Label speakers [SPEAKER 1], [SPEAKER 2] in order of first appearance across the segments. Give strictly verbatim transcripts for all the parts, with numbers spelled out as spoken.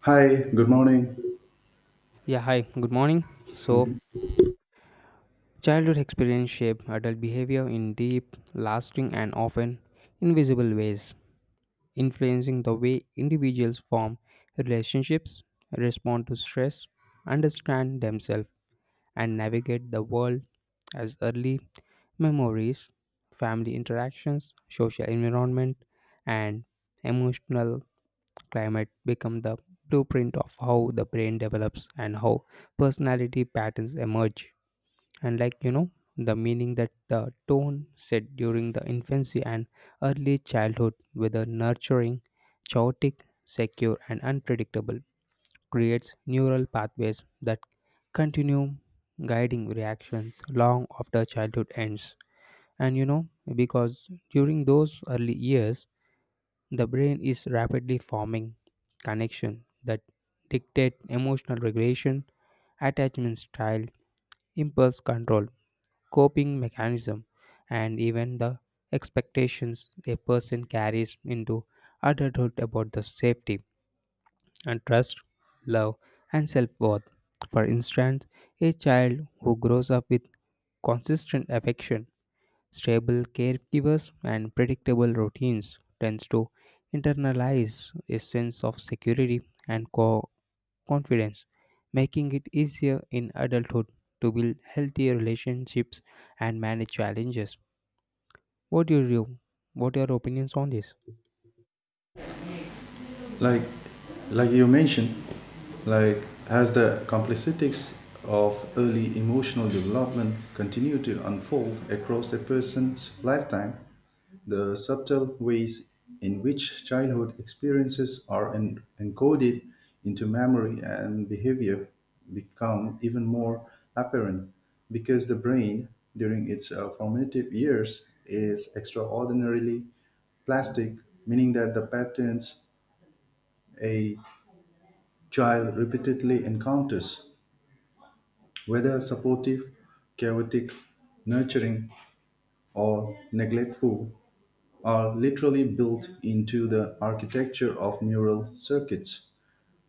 [SPEAKER 1] Hi, good morning.
[SPEAKER 2] Yeah, hi, good morning. So,
[SPEAKER 1] Mhm.
[SPEAKER 2] childhood experience shape adult behavior in deep, lasting, and often invisible ways, influencing the way individuals form relationships, respond to stress, understand themselves, and navigate the world as early memories, family interactions, social environment, and emotional climate become the blueprint of how the brain develops and how personality patterns emerge. and like you know the meaning that the tone set during the infancy and early childhood whether nurturing chaotic secure and unpredictable creates neural pathways that continue guiding reactions long after childhood ends and you know because during those early years the brain is rapidly forming connection that dictate emotional regulation attachment style impulse control coping mechanism, and even the expectations a person carries into adulthood about the safety and trust, love, and self worth. For instance, a child who grows up with consistent affection, stable caregivers, and predictable routines tends to internalize a sense of security and co- confidence, making it easier in adulthood to build healthier relationships and manage challenges. What do you what are your opinions on this?
[SPEAKER 1] like like you mentioned, like as the complexities of early emotional development continue to unfold across a person's lifetime, the subtle ways in which childhood experiences are en- encoded into memory and behavior become even more apparent, because the brain during its uh, formative years is extraordinarily plastic, meaning that the patterns a child repeatedly encounters, whether supportive, chaotic, nurturing, or neglectful, are literally built into the architecture of neural circuits,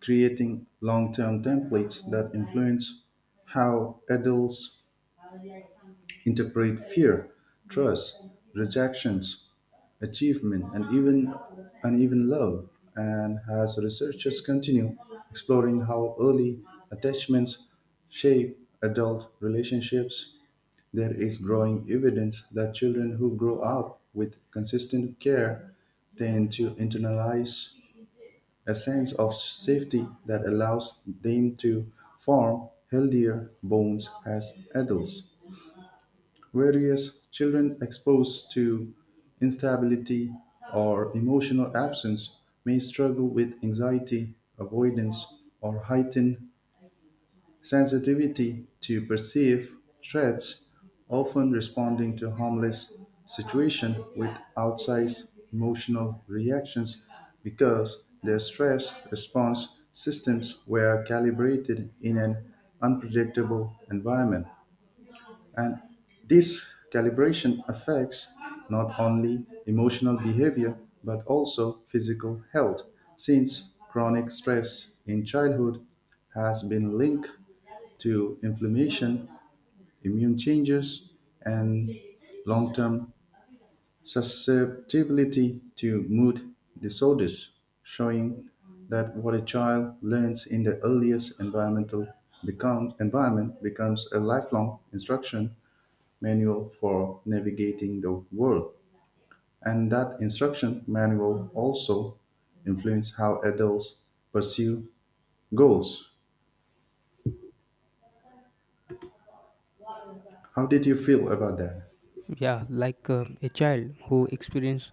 [SPEAKER 1] creating long term templates that influence how adults interpret fear, trust, rejections, achievement, and even and even love. And as researchers continue exploring how early attachments shape adult relationships, there is growing evidence that children who grow up with consistent care tend to internalize a sense of safety that allows them to form healthier bonds as adults. Whereas children exposed to instability or emotional absence may struggle with anxiety, avoidance, or heightened sensitivity to perceived threats, often responding to harmless situations with outsized emotional reactions because their stress response systems were calibrated in an unpredictable environment. And this calibration affects not only emotional behavior but also physical health, since chronic stress in childhood has been linked to inflammation, immune changes, and long term susceptibility to mood disorders, showing that what a child learns in the earliest environmental become, environment becomes a lifelong instruction manual for navigating the world. And that instruction manual also influenced how adults pursue goals. How did you feel about that?
[SPEAKER 2] Yeah, like uh, a child who experienced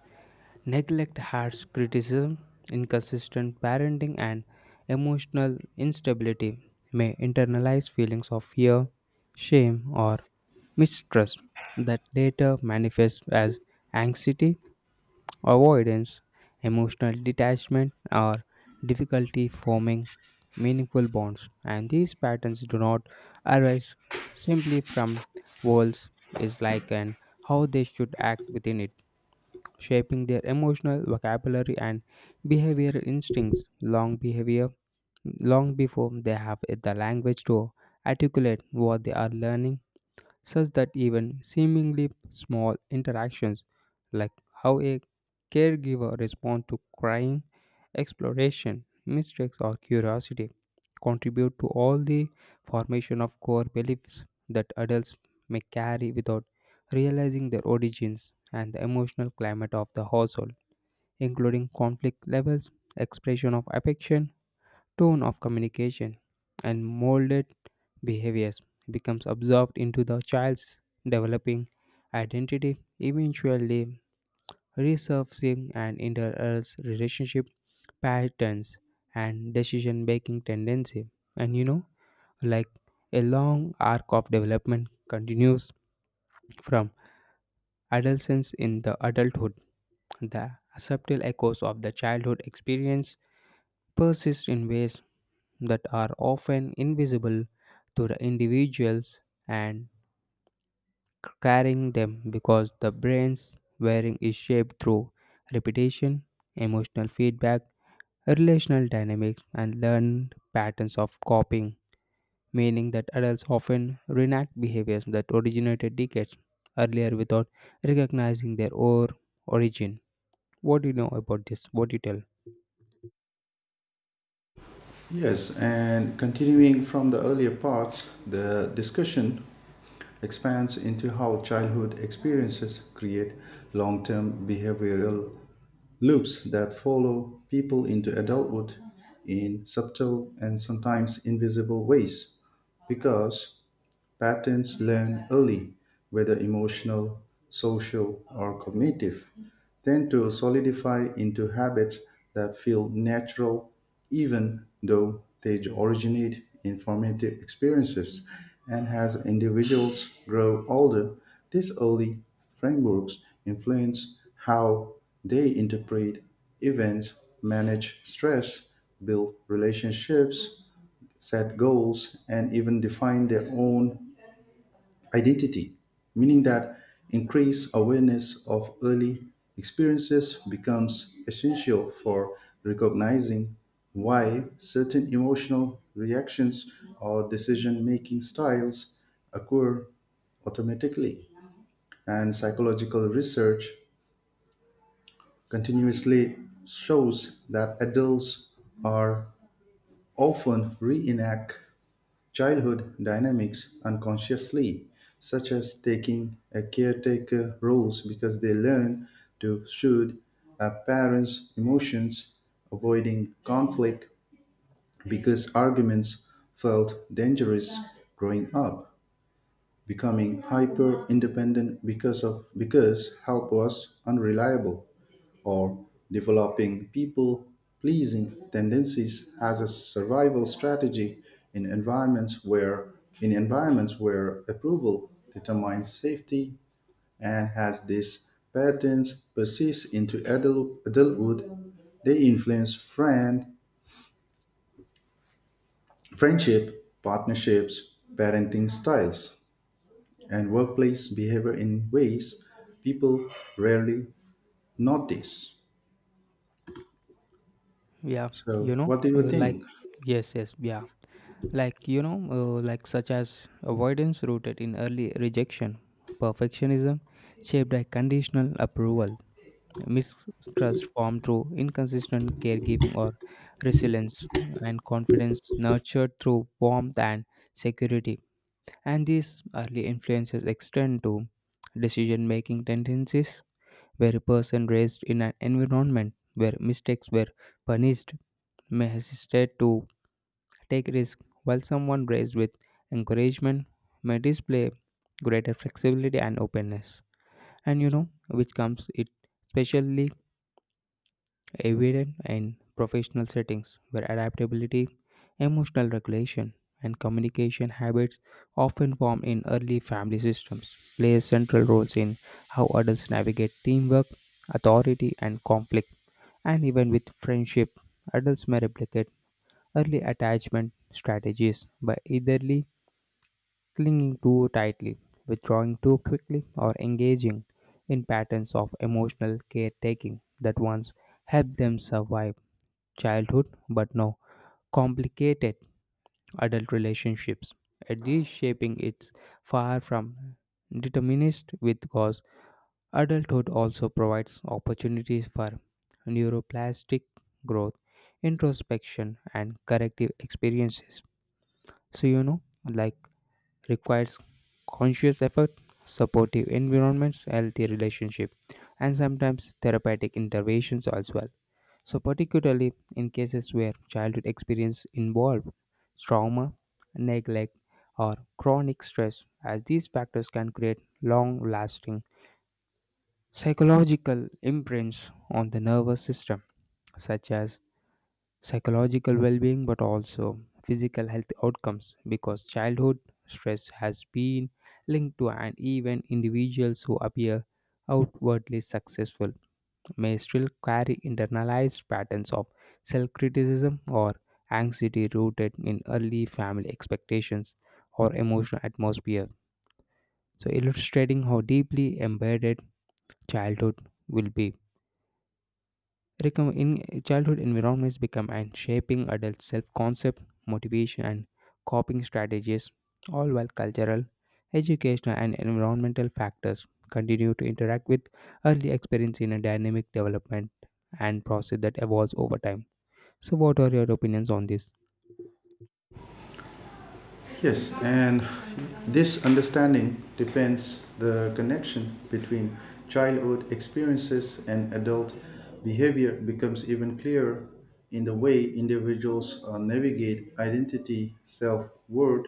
[SPEAKER 2] neglect, harsh criticism, inconsistent parenting, and emotional instability may internalize feelings of fear, shame, or mistrust that later manifest as anxiety, avoidance, emotional detachment, or difficulty forming meaningful bonds. And these patterns do not arise simply from walls is like and how they should act within it, shaping their emotional vocabulary and behavioral instincts long behavior long before they have the language to articulate what they are learning such that even seemingly small interactions like how a caregiver responds to crying, exploration, mistakes, or curiosity contribute to all the formation of core beliefs that adults may carry without realizing their origins and the emotional climate of the household, including conflict levels, expression of affection, tone of communication, and molded behaviors becomes absorbed into the child's developing identity, eventually resurfacing and interals relationship patterns and decision making tendency. And you know, like A long arc of development continues from adolescence in the adulthood, the subtle echoes of the childhood experience persist in ways that are often invisible to the individuals and carrying them because the brain's wiring is shaped through repetition, emotional feedback, relational dynamics, and learned patterns of copying, meaning that adults often reenact behaviors that originated decades earlier without recognizing their or origin. What do you know about this? What do you tell?
[SPEAKER 1] Yes, and continuing from the earlier parts, the discussion expands into how childhood experiences create long term behavioral loops that follow people into adulthood in subtle and sometimes invisible ways. Because patterns learned early, whether emotional, social, or cognitive, tend to solidify into habits that feel natural even though they originate in formative experiences. And as individuals grow older, these early frameworks influence how they interpret events, manage stress, build relationships, set goals, and even define their own identity, meaning that increased awareness of early experiences becomes essential for recognizing why certain emotional reactions or decision making styles occur automatically. And psychological research continuously shows that adults are often reenact childhood dynamics unconsciously, such as taking a caretaker roles because they learn to soothe a parent's emotions, avoiding conflict because arguments felt dangerous growing up, becoming hyper independent because of because help was unreliable, or developing people pleasing tendencies as a survival strategy in environments where in environments where approval determines safety. And as these patterns persist into adult, adulthood, they influence friend friendship, partnerships, parenting styles, and workplace behavior in ways people rarely notice.
[SPEAKER 2] Yeah, you
[SPEAKER 1] So
[SPEAKER 2] know,
[SPEAKER 1] what do you
[SPEAKER 2] uh, like
[SPEAKER 1] think?
[SPEAKER 2] yes, yes, yeah. like you know uh, like such as avoidance rooted in early rejection perfectionism shaped by conditional approval mistrust formed through inconsistent caregiving or resilience and confidence nurtured through warmth and security and these early influences extend to decision making tendencies where a person raised in an environment where mistakes were punished may hesitate to take risks, while someone raised with encouragement may display greater flexibility and openness. And you know, which comes it especially evident in professional settings where adaptability, emotional regulation, and communication habits often formed in early family systems play central roles in how adults navigate teamwork, authority, and conflict. And even with friendship, adults may replicate early attachment strategies by eitherly clinging too tightly, withdrawing too quickly, or engaging in patterns of emotional caretaking that once helped them survive childhood but now complicated adult relationships. At this shaping it's far from determinist with cause adulthood also provides opportunities for neuroplastic growth, introspection and corrective experiences. So, you know, like requires conscious effort, supportive environments, healthy relationship, and sometimes therapeutic interventions as well. So, particularly in cases where childhood experience involved trauma, neglect, or chronic stress, as these factors can create long lasting psychological imprints on the nervous system, such as psychological well-being but also physical health outcomes because childhood stress has been linked to and even individuals who appear outwardly successful may still carry internalized patterns of self-criticism or anxiety rooted in early family expectations or emotional atmosphere so illustrating how deeply embedded childhood will be Recom- in childhood environments become and shaping adult self-concept, motivation, and coping strategies, all while cultural, educational, and environmental factors continue to interact with early experience in a dynamic development and process that evolves over time. So, what are your opinions on this?
[SPEAKER 1] Yes, and this understanding depends the connection between childhood experiences and adult behavior becomes even clearer in the way individuals uh, navigate identity, self-worth,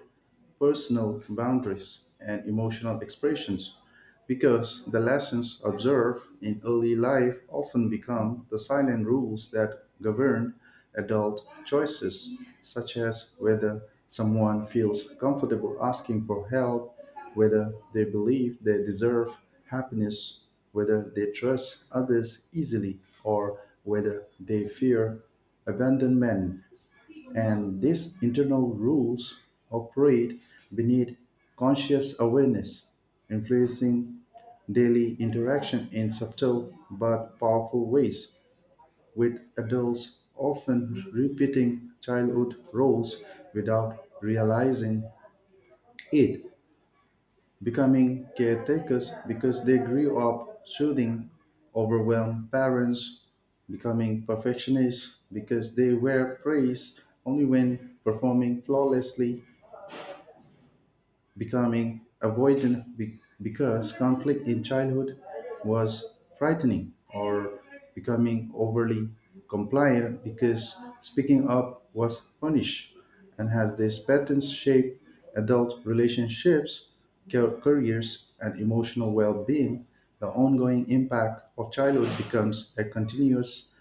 [SPEAKER 1] personal boundaries, and emotional expressions, because the lessons observed in early life often become the silent rules that govern adult choices, such as whether someone feels comfortable asking for help, whether they believe they deserve happiness, whether they trust others easily, or whether they fear abandonment. And these internal rules operate beneath conscious awareness, influencing daily interaction in subtle but powerful ways, with adults often repeating childhood roles without realizing it, becoming caretakers because they grew up soothing overwhelmed parents, becoming perfectionists because they were praised only when performing flawlessly, becoming avoidant be- because conflict in childhood was frightening, or becoming overly compliant because speaking up was punished. And has these patterns shaped adult relationships, ca- careers, and emotional well being, the ongoing impact of childhood becomes a continuous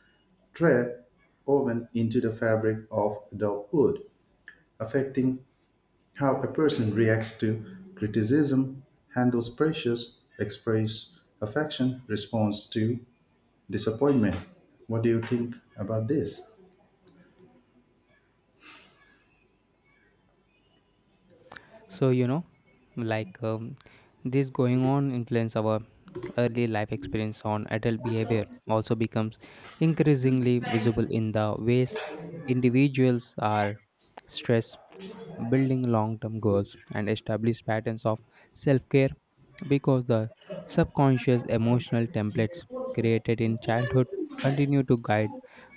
[SPEAKER 1] thread woven into the fabric of adulthood, affecting how a person reacts to criticism, handles pressures, expresses affection, responds to disappointment. What do you think about this?
[SPEAKER 2] So, you know, like um, this going on influence our early life experience on adult behavior also becomes increasingly visible in the ways individuals are stressed, building long term goals and establish patterns of self care because the subconscious emotional templates created in childhood continue to guide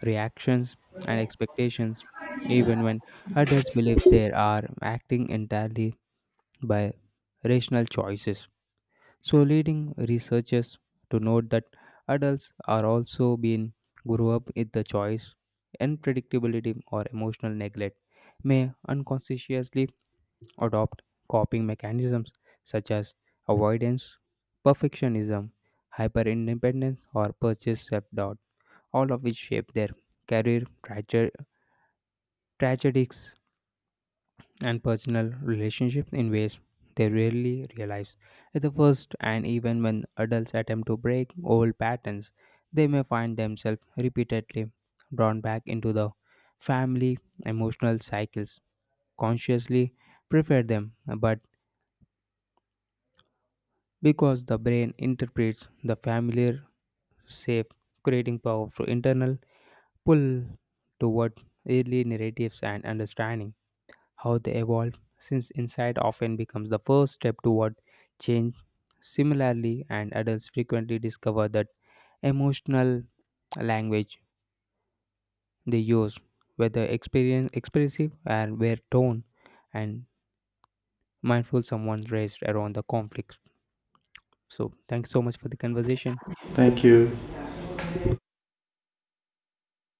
[SPEAKER 2] reactions and expectations even when adults believe they are acting entirely by rational choices. So, leading researchers to note that adults are also being grew up with the choice, unpredictability, or emotional neglect may unconsciously adopt coping mechanisms such as avoidance, perfectionism, hyperindependence, or purchase self doubt, all of which shape their career traje- tragedies and personal relationships in ways they rarely realize. At the first, and even when adults attempt to break old patterns, they may find themselves repeatedly drawn back into the family emotional cycles, consciously prefer them, but because the brain interprets the familiar safe, creating powerful internal pull toward early narratives and understanding how they evolve, since insight often becomes the first step toward change. Similarly, and adults frequently discover that emotional language they use, whether experience expressive and where tone and mindful someone raised around the conflicts. So thanks so much for the conversation.
[SPEAKER 1] Thank you.